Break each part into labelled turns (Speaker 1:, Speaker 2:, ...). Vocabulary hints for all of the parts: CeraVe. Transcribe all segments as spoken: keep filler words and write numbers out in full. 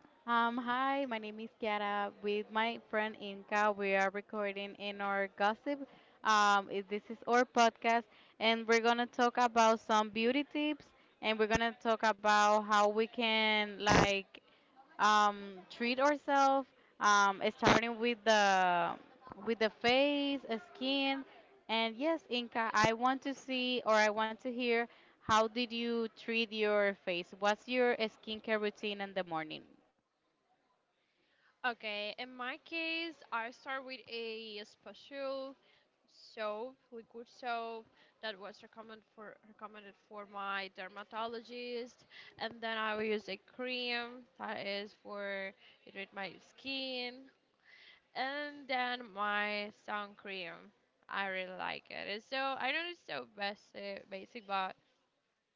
Speaker 1: Um, hi, my name is Kiara. With my friend Inka, we are recording in our gossip. Um, it- this is our podcast, and we're gonna talk about some beauty tips, and we're gonna talk about how we can like um, treat ourselves, um, starting with the with the face, uh, skin, and yes, Inka, I want to see or I want to hear how did you treat your face? What's your skincare routine in the morning?
Speaker 2: Okay. In my case, I start with a special soap, liquid soap that was recommended for recommended for my dermatologist, and then I will use a cream that is for irritate my skin, and then my sun cream. I really like it. It's so I know it's so basic, basic, but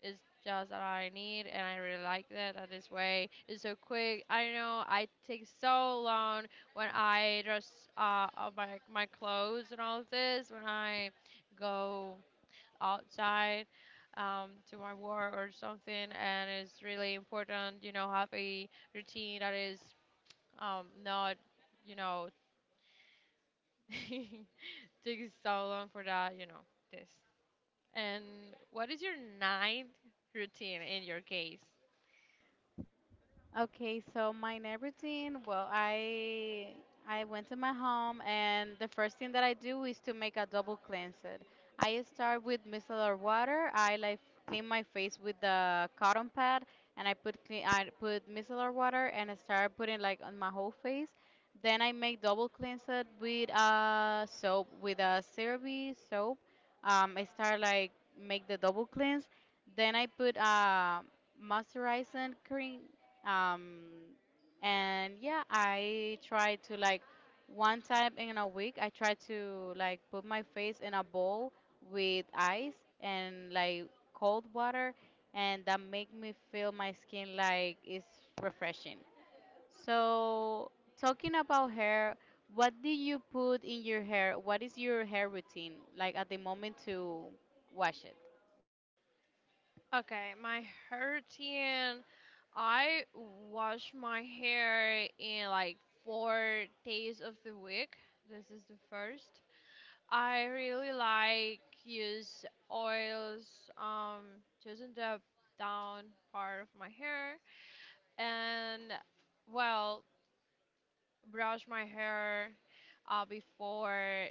Speaker 2: it's just that I need, and I really like that. That this way it's so quick. I know I take so long when I dress uh up my my clothes and all of this when I go outside, um, to my work or something, and it's really important, you know, have a routine that is um not, you know, takes so long for that, you know, this. And what is your night routine in your case?
Speaker 1: Okay, so my night routine, well, I I went to my home and the first thing that I do is to make a double cleanse it. I start with micellar water. I like clean my face with the cotton pad and I put clean I put micellar water and I start putting like on my whole face. Then I make double cleanse it with uh soap with a CeraVe soap. Um, I start like make the double cleanse. Then I put uh moisturizing cream, um, and yeah, I try to like one time in a week, I try to like put my face in a bowl with ice and like cold water, and that make me feel my skin like it's refreshing. So, talking about hair, what do you put in your hair? What is your hair routine like at the moment to wash it?
Speaker 2: Okay, my hair routine. I wash my hair in like four days of the week. This is the first. I really like use oils, um just in the down part of my hair, and well, brush my hair uh, before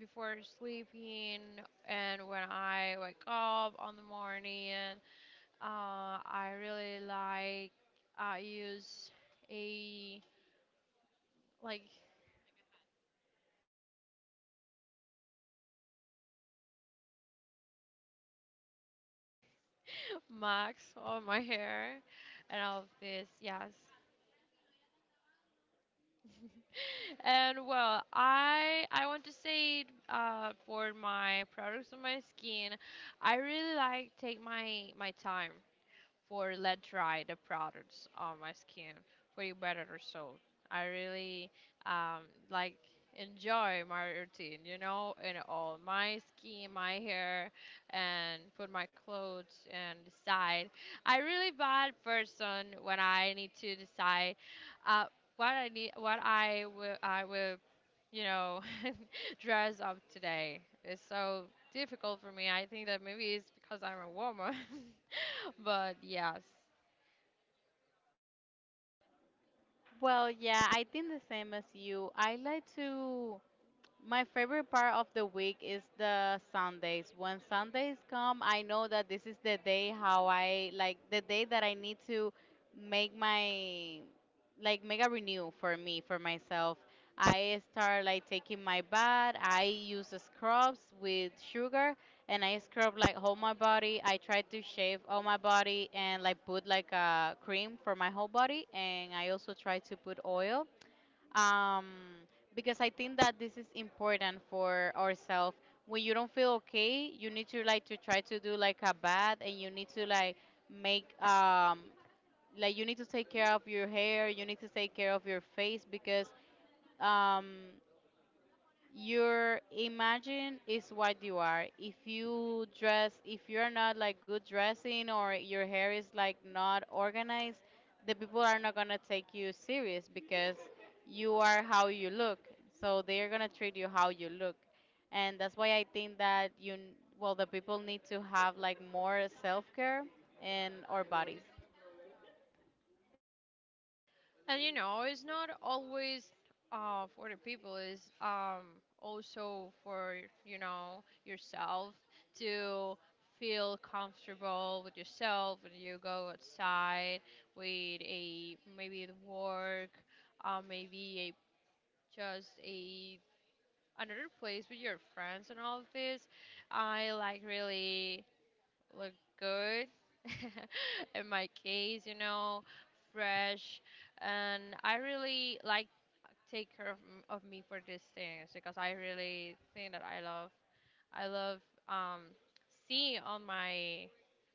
Speaker 2: before sleeping, and when I wake up on the morning, uh, I really like I use a like max on my hair and all of this. Yes. And well, I I want to say, uh, for my products on my skin, I really like take my my time for let dry the products on my skin for a better result. I really um, like enjoy my routine, you know, and all my skin, my hair, and put my clothes and decide. I really bad person when I need to decide, uh, what I need, what I will, I will, you know, dress up today. It's so difficult for me. I think that maybe it's because I'm a woman. But yes.
Speaker 1: Well, yeah, I think the same as you. I like to. My favorite part of the week is the Sundays. When Sundays come, I know that this is the day how I like the day that I need to make my like make a renew for me for myself. I start like taking my bath. I use scrubs with sugar and I scrub like whole my body. I try to shave all my body and like put like a cream for my whole body and I also try to put oil, um, because I think that this is important for ourselves. When you don't feel okay, you need to like to try to do like a bath, and you need to like make um like you need to take care of your hair, you need to take care of your face because um your imagine is what you are. If you dress, if you're not like good dressing or your hair is like not organized, the people are not gonna take you serious because you are how you look. So they're gonna treat you how you look. And that's why I think that you, n- well, the people need to have like more self-care in our bodies.
Speaker 2: And you know, it's not always, uh, for the people. It's, um, also for, you know, yourself to feel comfortable with yourself when you go outside with a maybe the work, uh, maybe a just a another place with your friends and all of this. I like really look good. In my case, you know, fresh. And I really like take care of, m- of me for these things because I really think that I love I love um seeing on my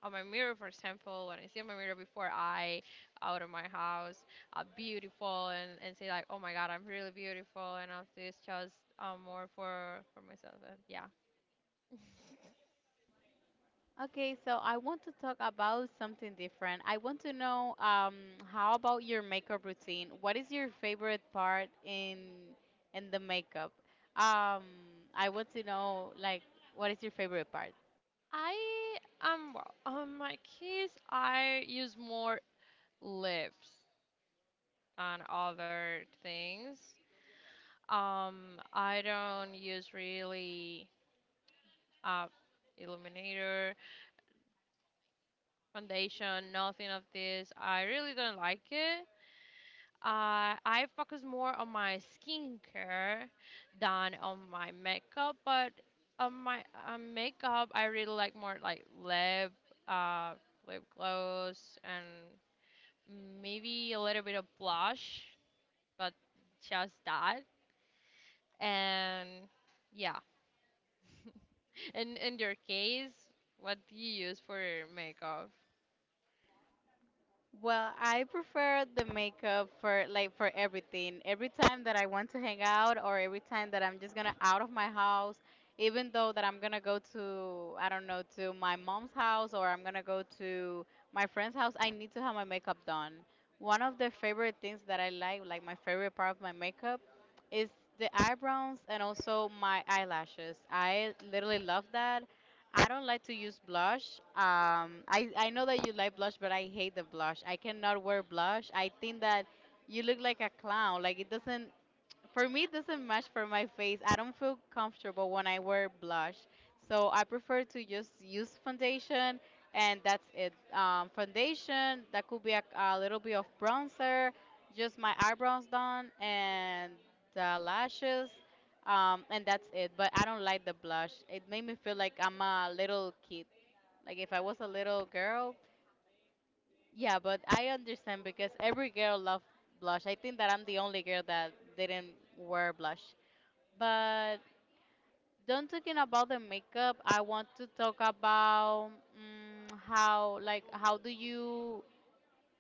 Speaker 2: on my mirror, for example. When I see on my mirror before I out of my house, uh, beautiful, and, and say like, oh my god, I'm really beautiful and all this, just, um more for for myself. And yeah.
Speaker 1: Okay, so I want to talk about something different. I want to know um, how about your makeup routine? What is your favorite part in in the makeup? Um, I want to know like what is your favorite part?
Speaker 2: I, um well, on my keys I use more lips than other things. Um, I don't use really, uh illuminator, foundation, nothing of this. I really don't like it. Uh, I focus more on my skincare than on my makeup, but on my, um, makeup, I really like more like lip, uh lip gloss and, Mm, maybe a little bit of blush, but just that. And yeah. And in your case, what do you use for your makeup?
Speaker 1: Well, I prefer the makeup for like for everything. Every time that I want to hang out or every time that I'm just gonna out of my house, even though that I'm gonna go to I don't know, to my mom's house or I'm gonna go to my friend's house, I need to have my makeup done. One of the favorite things that I like, like my favorite part of my makeup is the eyebrows and also my eyelashes. I literally love that. I don't like to use blush. Um, I I know that you like blush, but I hate the blush. I cannot wear blush. I think that you look like a clown. Like it doesn't. For me, it doesn't match for my face. I don't feel comfortable when I wear blush. So I prefer to just use foundation and that's it. Um, foundation, that could be a, a little bit of bronzer, just my eyebrows done and the lashes, um, and that's it. But I don't like the blush. It made me feel like I'm a little kid. Like if I was a little girl. Yeah, but I understand because every girl loves blush. I think that I'm the only girl that didn't wear blush. But don't talking about the makeup, I want to talk about mm how like how do you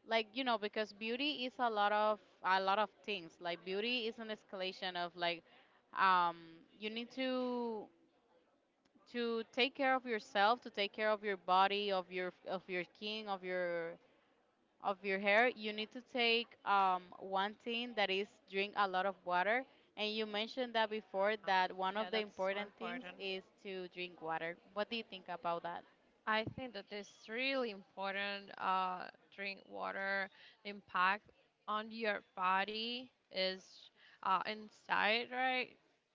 Speaker 1: like you know because beauty is a lot of a lot of things. Like beauty is an escalation of like um you need to to take care of yourself, to take care of your body, of your of your skin, of your of your hair, you need to take um, one thing that is drink a lot of water. And you mentioned that before
Speaker 2: Yeah,
Speaker 1: that one of
Speaker 2: yeah,
Speaker 1: the
Speaker 2: that's so
Speaker 1: important things
Speaker 2: important.
Speaker 1: is to drink water. What do you think about that?
Speaker 2: I think that it's really important. Uh, drink water. The impact on your body is, uh, inside, right?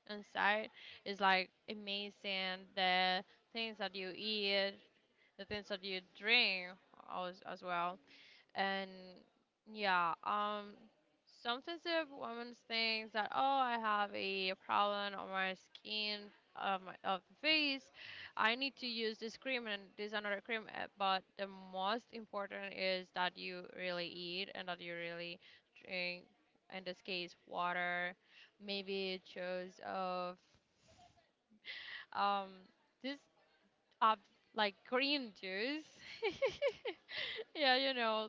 Speaker 2: Inside is like amazing. The things that you eat, the things that you drink, uh, as, as well, and yeah, um, some sensitive women things that, oh, I have a problem on my skin of my of the face. I need to use this cream and this another cream. uh, But the most important is that you really eat and that you really drink. In this case, water, maybe chose of, um this, uh, like green juice. Yeah, you know.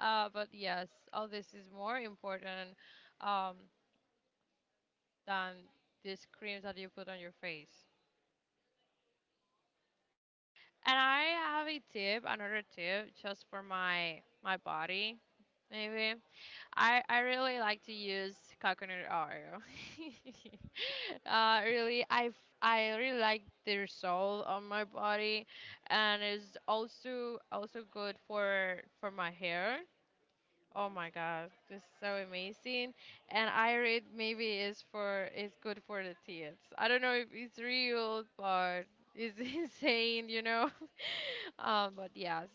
Speaker 2: Uh, but yes, all this is more important, um, than these creams that you put on your face. And I have a tip, another tip, just for my my body. Maybe I I really like to use coconut oil. uh, really, I f- I really like the result on my body, and it's also also good for for my hair. Oh my God, this is so amazing. And I read maybe is for is good for the kids. I don't know if it's real, but it's insane, you know. Um, but yes,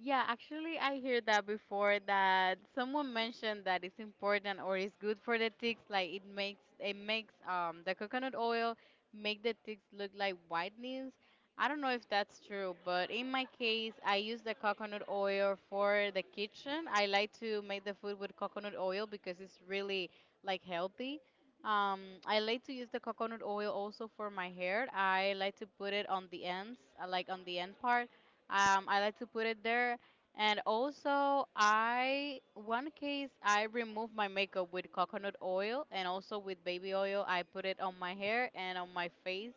Speaker 1: Yeah, actually, I hear that before that someone mentioned that it's important or it's good for the ticks. Like it makes it makes um the coconut oil make the ticks look like whitenings. I don't know if that's true, but in my case, I use the coconut oil for the kitchen. I like to make the food with coconut oil because it's really like healthy. Um, I like to use the coconut oil also for my hair. I like to put it on the ends, uh, like on the end part, um, I like to put it there. And also, I one case I remove my makeup with coconut oil and also with baby oil. I put it on my hair and on my face.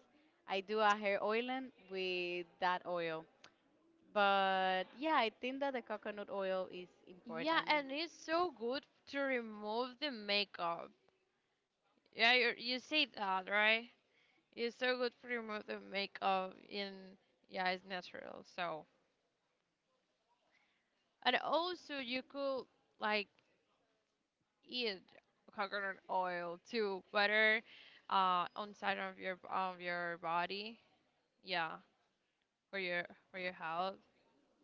Speaker 1: I do a hair oiling with that oil. But yeah, I think that the coconut oil is
Speaker 2: yeah,
Speaker 1: important.
Speaker 2: and it's so good to remove the makeup. Yeah, you you say that, right? It's so good to remove the makeup in, yeah, it's natural. So, and also you could like eat coconut oil to butter, uh, on side of your of your body. Yeah, for your for your health.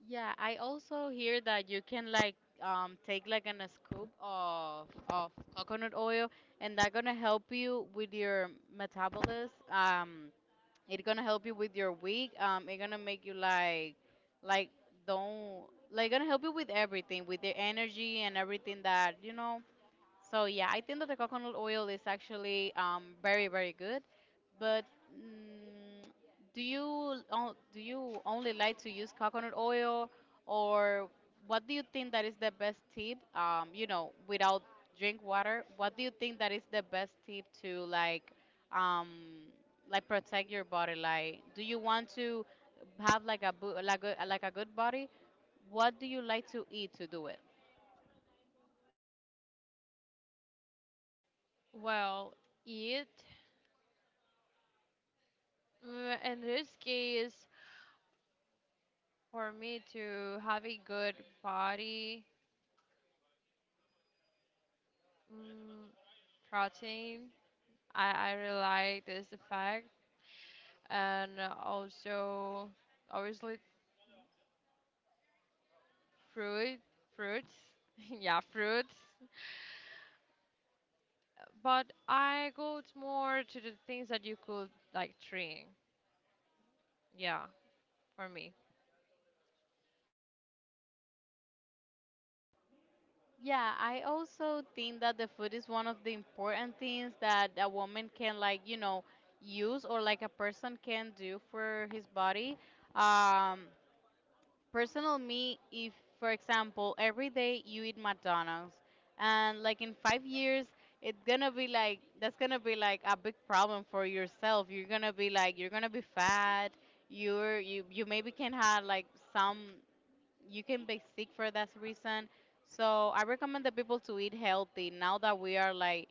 Speaker 1: Yeah, I also hear that you can like um take like an, a scoop of of coconut oil and that gonna help you with your metabolism. Um, It's gonna help you with your week. Um, it's gonna make you like, like don't like gonna help you with everything, with the energy and everything that you know. So yeah, I think that the coconut oil is actually, um, very very good. But mm, do you on- do you only like to use coconut oil, or what do you think that is the best tip? Um, you know, without drink water, what do you think that is the best tip to like um, like protect your body? Like, do you want to have like a bu- like a, like a good body? What do you like to eat to do it?
Speaker 2: Well, eat, mm, in this case, for me to have a good body, mm, protein. I I really like this effect, and also, obviously, fruit fruits. Yeah, fruits. But I go, t- more to the things that you could like train. Yeah, for me.
Speaker 1: Yeah, I also think that the food is one of the important things that a woman can like, you know, use or like a person can do for his body. Um, Personal me, if for example, every day you eat McDonald's and like in five years it's gonna be like that's gonna be like a big problem for yourself. You're gonna be like you're gonna be fat. You're you you maybe can have like some you can be sick for that reason. So I recommend the people to eat healthy now that we are like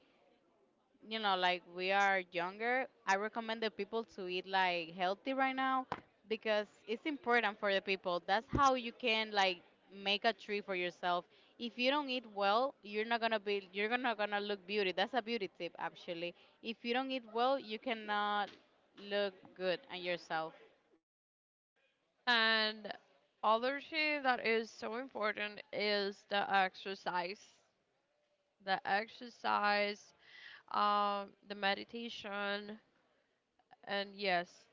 Speaker 1: you know like we are younger. I recommend the people to eat like healthy right now because it's important for the people. That's how you can like make a tree for yourself. If you don't eat well, you're not gonna be you're not gonna look beauty. That's a beauty tip actually. If you don't eat well, you cannot look good on yourself.
Speaker 2: And other thing that is so important is the exercise. The exercise, um, the meditation, and yes,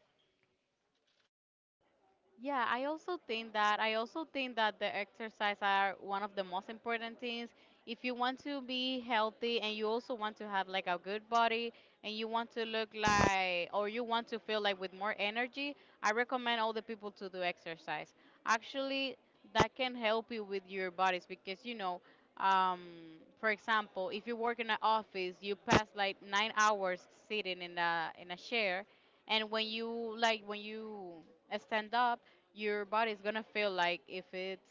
Speaker 1: Yeah, I also think that I also think that the exercise are one of the most important things. If you want to be healthy and you also want to have like a good body and you want to look like or you want to feel like with more energy, I recommend all the people to do exercise. Actually, that can help you with your bodies because you know, um, for example, if you work in an office, you pass like nine hours sitting in a in a chair, and when you like when you stand up your body's gonna feel like if it's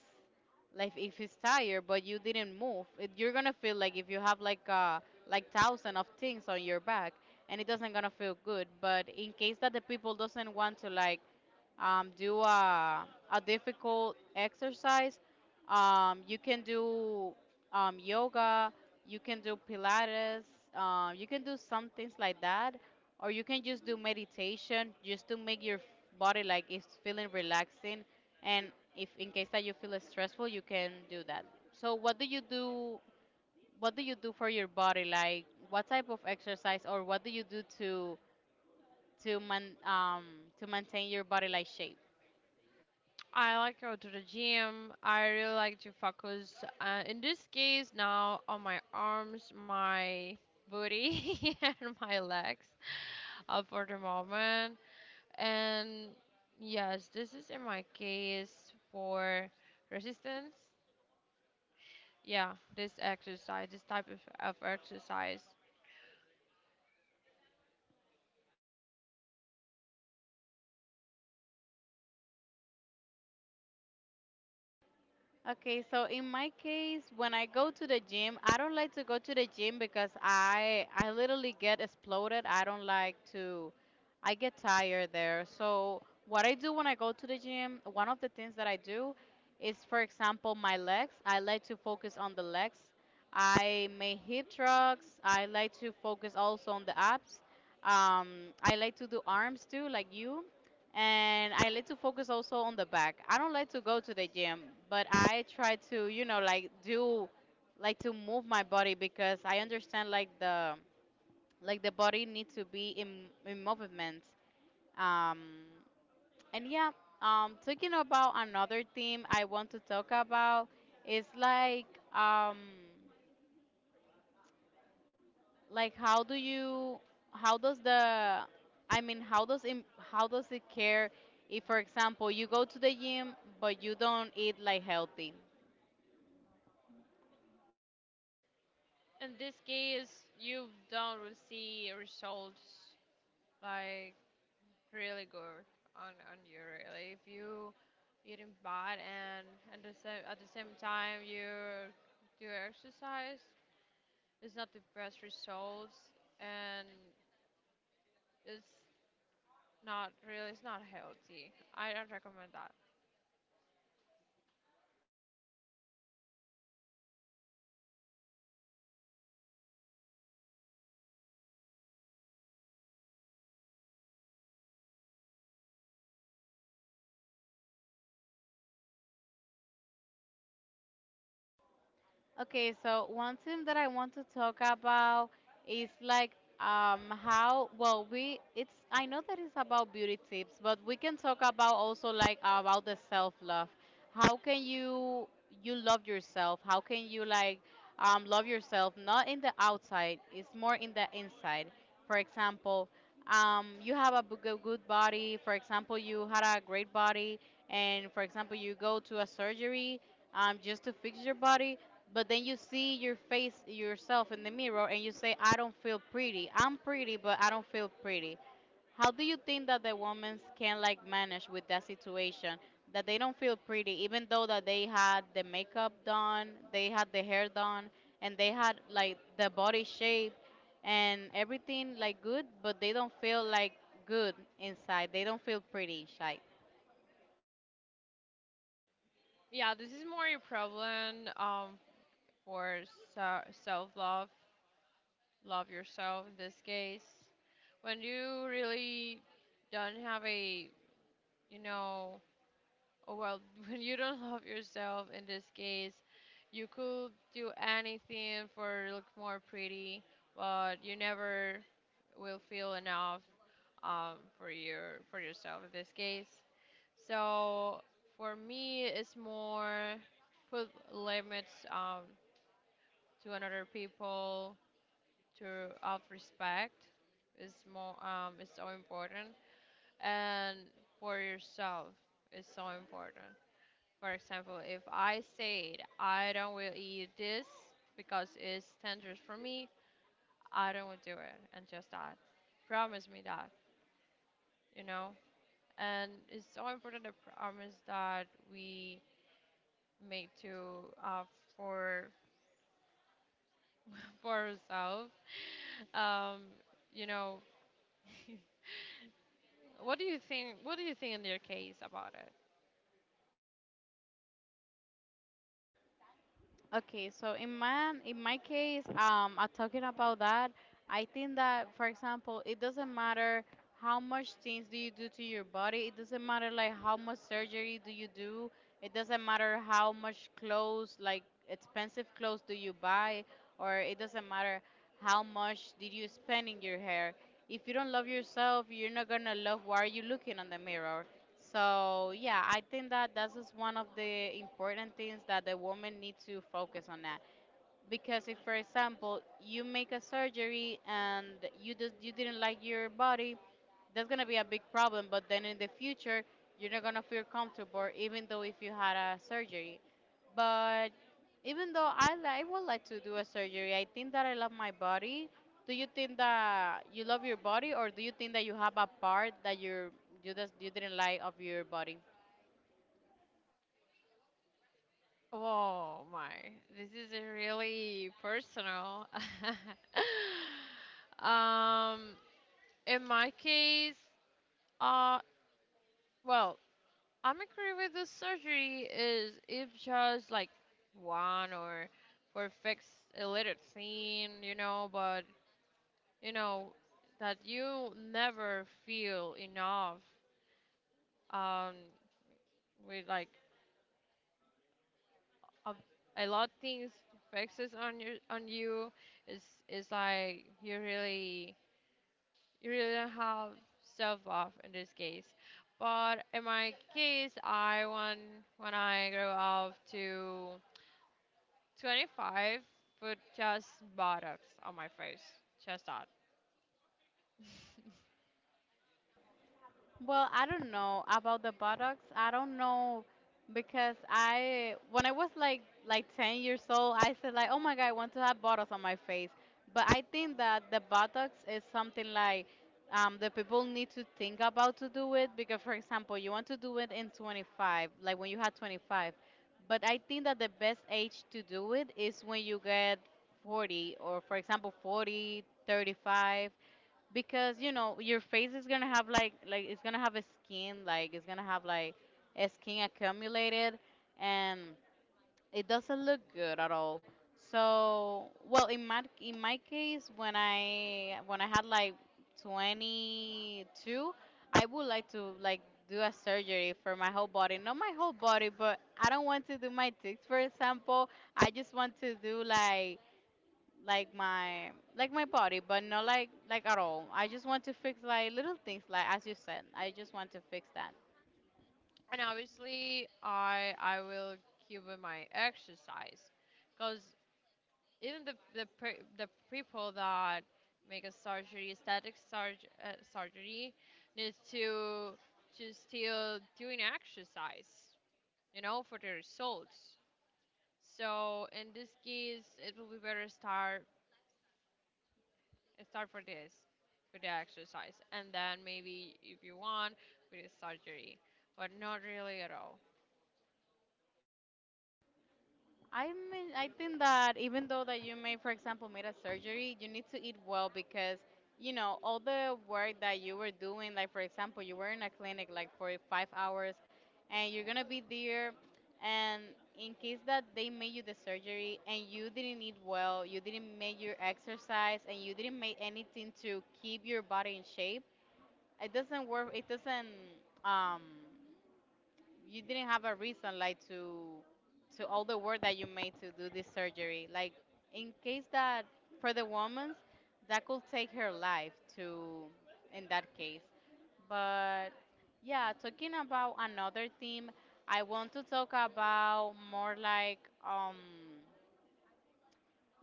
Speaker 1: like if it's tired but you didn't move it, you're gonna feel like if you have like uh like thousand of things on your back and it doesn't gonna feel good but in case that the people doesn't want to like um, do a, a difficult exercise. Um, you can do, um, yoga, you can do Pilates, uh, you can do some things like that, or you can just do meditation just to make your body like it's feeling relaxing. And if in case that you feel stressful, you can do that. So, what do you do? What do you do for your body? Like, what type of exercise or what do you do to to man um to maintain your body like shape?
Speaker 2: I like go to the gym. I really like to focus, uh, in this case, now on my arms, my booty, and my legs, uh, for the moment. And yes, this is in my case for resistance. Yeah, this exercise, this type of, of exercise.
Speaker 1: Okay, so in my case, when I go to the gym, I don't like to go to the gym because I I literally get exploded. I don't like to I get tired there. So what I do when I go to the gym, one of the things that I do is for example my legs. I like to focus on the legs. I may hit drugs. I like to focus also on the abs. Um, I like to do arms too, like you and I like to focus also on the back. I don't like to go to the gym, but I try to, you know, like do like to move my body because I understand like the like the body needs to be in in movement. Um and yeah, um Talking about another theme, I want to talk about is like, um like how do you, how does the, i mean how does im- how does it care if, for example, you go to the gym but you don't eat like healthy.
Speaker 2: In this case, you don't will see results like really good on on you really. If you eating bad and at the same at the same time you do exercise, it's not the best results, and it's not really it's not healthy. I don't recommend that.
Speaker 1: Okay, so one thing that I want to talk about is like, um how well, we it's, I know that it's about beauty tips, but we can talk about also like about the self-love. How can you, you love yourself? How can you like um love yourself not in the outside, it's more in the inside. For example, um you have a bu- go- good body, for example, you had a great body, and for example, you go to a surgery, um, just to fix your body. But then you see your face yourself in the mirror and you say, I don't feel pretty. I'm pretty, but I don't feel pretty. How do you think that the women can like manage with that situation? That they don't feel pretty, even though that they had the makeup done, they had the hair done, and they had like the body shape and everything like good, but they don't feel like good inside. They don't feel pretty inside.
Speaker 2: Yeah, this is more a problem, um, for so self love, love yourself in this case. When you really don't have a, you know, oh, well, when you don't love yourself in this case, you could do anything for look more pretty, but you never will feel enough, um, for your for yourself in this case. So, for me, it's more put limits, um, to another people to of respect, is more, um is so important, and for yourself is so important. For example, if I said I don't will eat this because it's dangerous for me, I don't will do it, and just that, promise me that, you know. And it's so important, the promise that we make to, uh, for for ourselves um you know What do you think? What do you think in your case about it?
Speaker 1: Okay, so in my in my case, um, I'm talking about that. I think that, for example, it doesn't matter how much things do you do to your body. It doesn't matter like how much surgery do you do. It doesn't matter how much clothes, like expensive clothes, do you buy, or it doesn't matter how much did you spend in your hair. If you don't love yourself, you're not gonna love why you looking on the mirror. So yeah, I think that that is one of the important things that the woman needs to focus on that. Because if, for example, you make a surgery and you just you didn't like your body, that's gonna be a big problem. But then in the future, you're not gonna feel comfortable, even though if you had a surgery. But even though I li- I would like to do a surgery, I think that I love my body. Do you think that you love your body, or do you think that you have a part that you're you just you didn't like of your body?
Speaker 2: Oh my, this is a really personal. um, in my case, uh, well, I'm agree with the surgery is if just like one, or for fix a little thing, you know, but you know that you never feel enough. Um, with like of a lot of things fixes on your on you is is like you really you really don't have self love in this case. But in my case, I want, when I grow up to twenty five, put just buttocks on my face. Just that.
Speaker 1: Well, I don't know about the buttocks. I don't know because I, when I was like like ten years old, I said like, "Oh my God, I want to have buttocks on my face." But I think that the buttocks is something like, um, the people need to think about to do it because, for example, you want to do it in twenty-five, like when you had twenty-five. But I think that the best age to do it is when you get forty or, for example, forty, thirty-five, because you know your face is gonna have like, like it's gonna have a skin, like it's gonna have like a skin accumulated, and it doesn't look good at all. So well, in my in my case, when i when i had like twenty-two, I would like to like do a surgery for my whole body, not my whole body, but I don't want to do my tits, for example. I just want to do like like my, like my body, but not like, like at all. I just want to fix like little things, like as you said, I just want to fix that.
Speaker 2: And obviously, I I will keep with my exercise, because even the the per- the people that make a surgery, aesthetic surg- uh, surgery, needs to to still doing exercise, you know, for the results. So in this case, it will be better start start for this, for the exercise, and then maybe, if you want, with the surgery, but not really at all.
Speaker 1: I mean, I think that even though that you may, for example, made a surgery, you need to eat well, because you know all the work that you were doing, like for example, you were in a clinic like for five hours, and you're gonna be there. And in case that they made you the surgery and you didn't eat well, you didn't make your exercise, and you didn't make anything to keep your body in shape, it doesn't work. It doesn't, um you didn't have a reason like to to all the work that you made to do this surgery, like in case that, for the woman's, that could take her life to, in that case. But yeah, talking about another theme, I want to talk about more like, um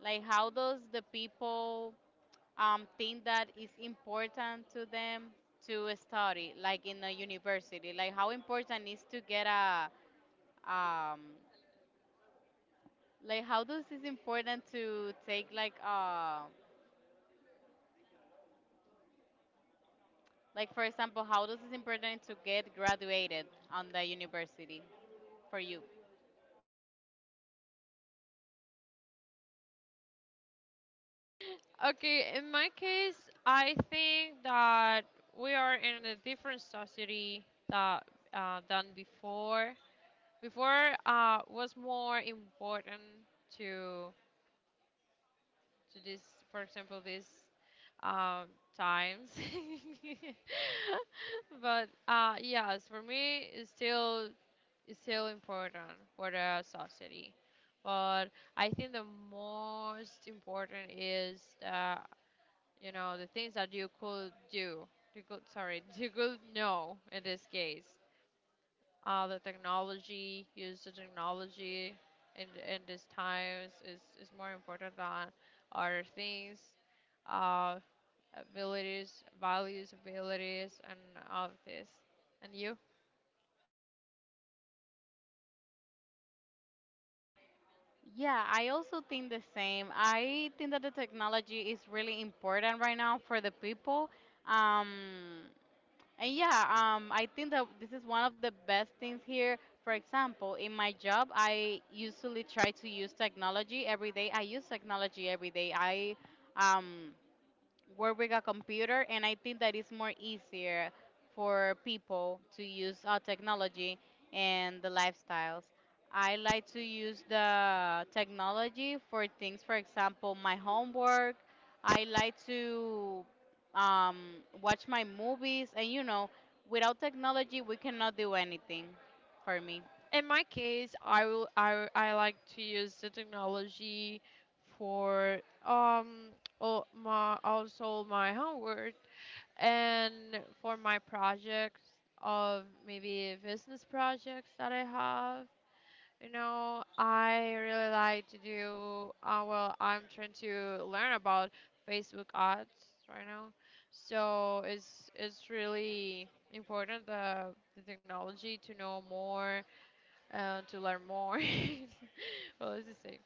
Speaker 1: like how does the people, um, think that is important to them to study, like in a university? Like how important is to get a, um, like how does it's important to take like, uh, like for example, how does it's important to get graduated on the university for you?
Speaker 2: Okay, in my case, I think that we are in a different society that uh, than before. Before, uh, was more important to to this, for example, this, um, times. But, uh, yes, for me, it's still it's still important for the society. But I think the most important is the you know the things that you could do, you could, sorry, you could know in this case, uh, the technology. Use the technology in, in these times, is, is more important than other things, uh, abilities, values, abilities, and all of this. And you,
Speaker 1: Yeah, I also think the same. I think that the technology is really important right now for the people. Um, And yeah, um, I think that this is one of the best things here. For example, in my job, I usually try to use technology every day. I use technology every day. I um, work with a computer, and I think that it's more easier for people to use uh, technology and the lifestyles. I like to use the technology for things, for example my homework. I like to um, watch my movies, and you know, without technology we cannot do anything, for me.
Speaker 2: in my case, i will i, I like to use the technology for, um all my, also my homework, and for my projects of maybe business projects that I have, you know, I really like to do, uh, well, I'm trying to learn about Facebook ads right now. So it's it's really important, the the technology, to know more, uh, to learn more. Well, it's the same.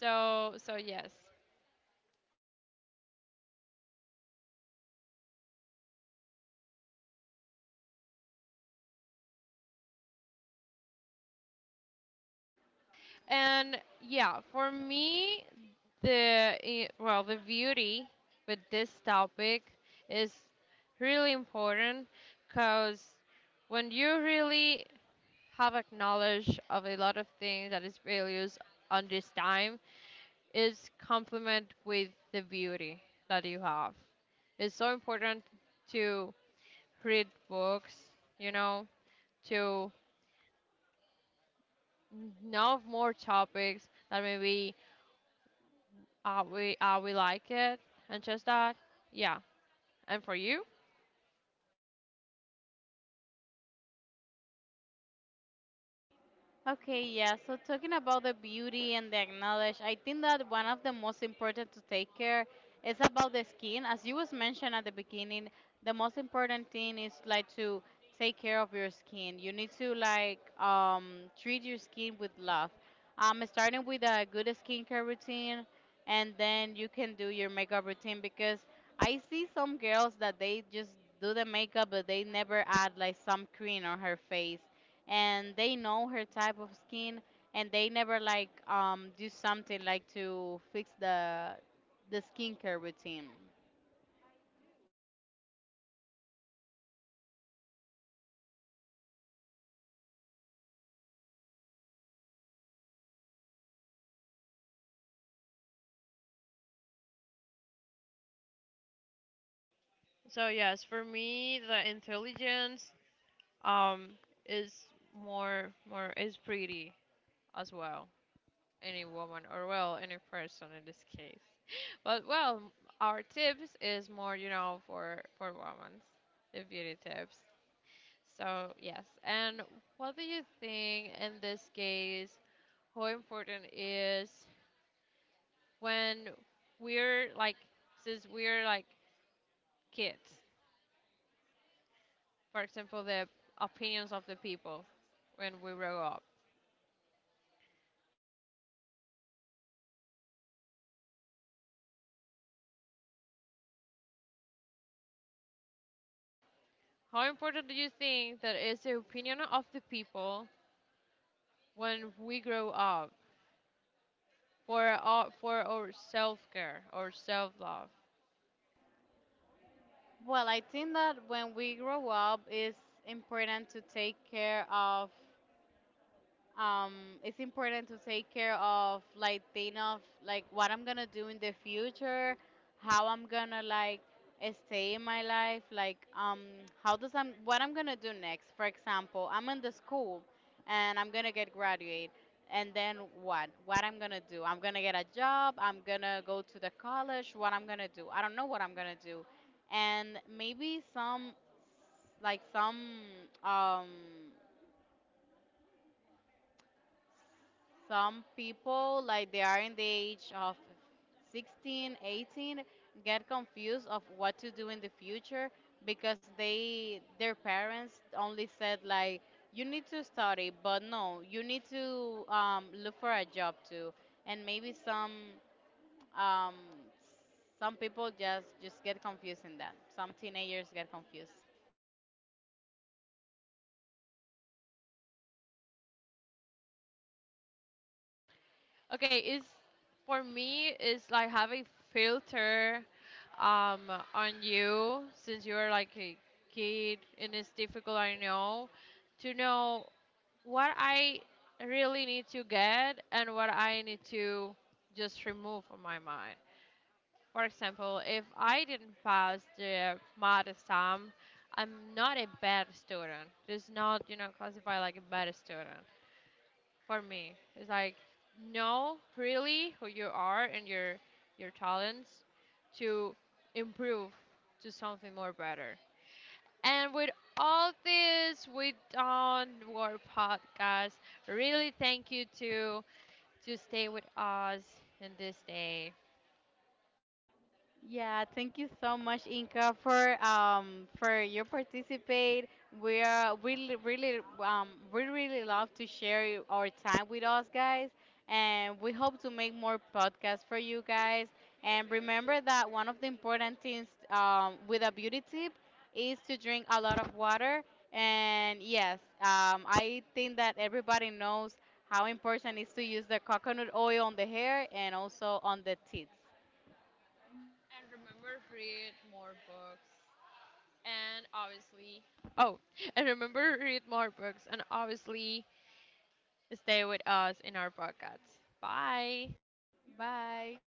Speaker 2: So so yes. And yeah, for me, the eh, well, the beauty with this topic is really important, because when you really have a knowledge of a lot of things that is values on this time, is complement with the beauty that you have. It's so important to read books, you know, to know more topics that maybe, uh, we, uh, we like it, and just that, yeah, and for you.
Speaker 1: Okay, yeah. So talking about the beauty and the acknowledge, I think that one of the most important to take care is about the skin. As you was mentioned at the beginning, the most important thing is like to take care of your skin. You need to like, um, treat your skin with love. Um, starting with a good skincare routine, and then you can do your makeup routine, because I see some girls that they just do the makeup but they never add like some cream on her face, and they know her type of skin, and they never like um do something like to fix the the skincare routine.
Speaker 2: So yes, for me, the intelligence, um is more more is pretty, as well. Any woman, or well, any person in this case. But well, our tips is more, you know for for women, the beauty tips. So yes, and what do you think in this case? How important is, when we're like, since we're like kids, for example, the opinions of the people when we grow up. How important do you think that is the opinion of the people when we grow up for our, for our self care or self love?
Speaker 1: Well, I think that when we grow up, it's important to take care of, um, it's important to take care of, like think of like what I'm gonna do in the future, how I'm gonna like stay in my life, like um, how does I'm what I'm gonna do next. For example, I'm in the school and I'm gonna get graduate, and then what? What I'm gonna do? I'm gonna get a job. I'm gonna go to the college. What I'm gonna do? I don't know what I'm gonna do, and maybe some like some um some people, like they are in the age of sixteen, eighteen, get confused of what to do in the future, because they, their parents only said like, you need to study, but no, you need to um, look for a job too. And maybe some, um, some people just just get confused in that. Some teenagers get confused.
Speaker 2: Okay, is for me it's like having filter, um, on you since you're like a kid, and it's difficult, I know, to know what I really need to get and what I need to just remove from my mind. For example, if I didn't pass the math exam, I'm not a bad student. It's not, you know, classified like a bad student for me. It's like know really who you are and your your talents to improve to something more better. And with all this, we don't work podcast. Really, thank you to to stay with us in this day.
Speaker 1: Yeah, thank you so much, Inka, for um for your participate. We are really really um we really love to share our time with us guys, and we hope to make more podcasts for you guys. And remember that one of the important things um with a beauty tip is to drink a lot of water. And yes, um, I think that everybody knows how important it is to use the coconut oil on the hair and also on the teeth.
Speaker 2: And remember, read more books. And obviously, oh, and remember, read more books. And obviously, stay with us in our podcasts. Bye.
Speaker 1: Bye.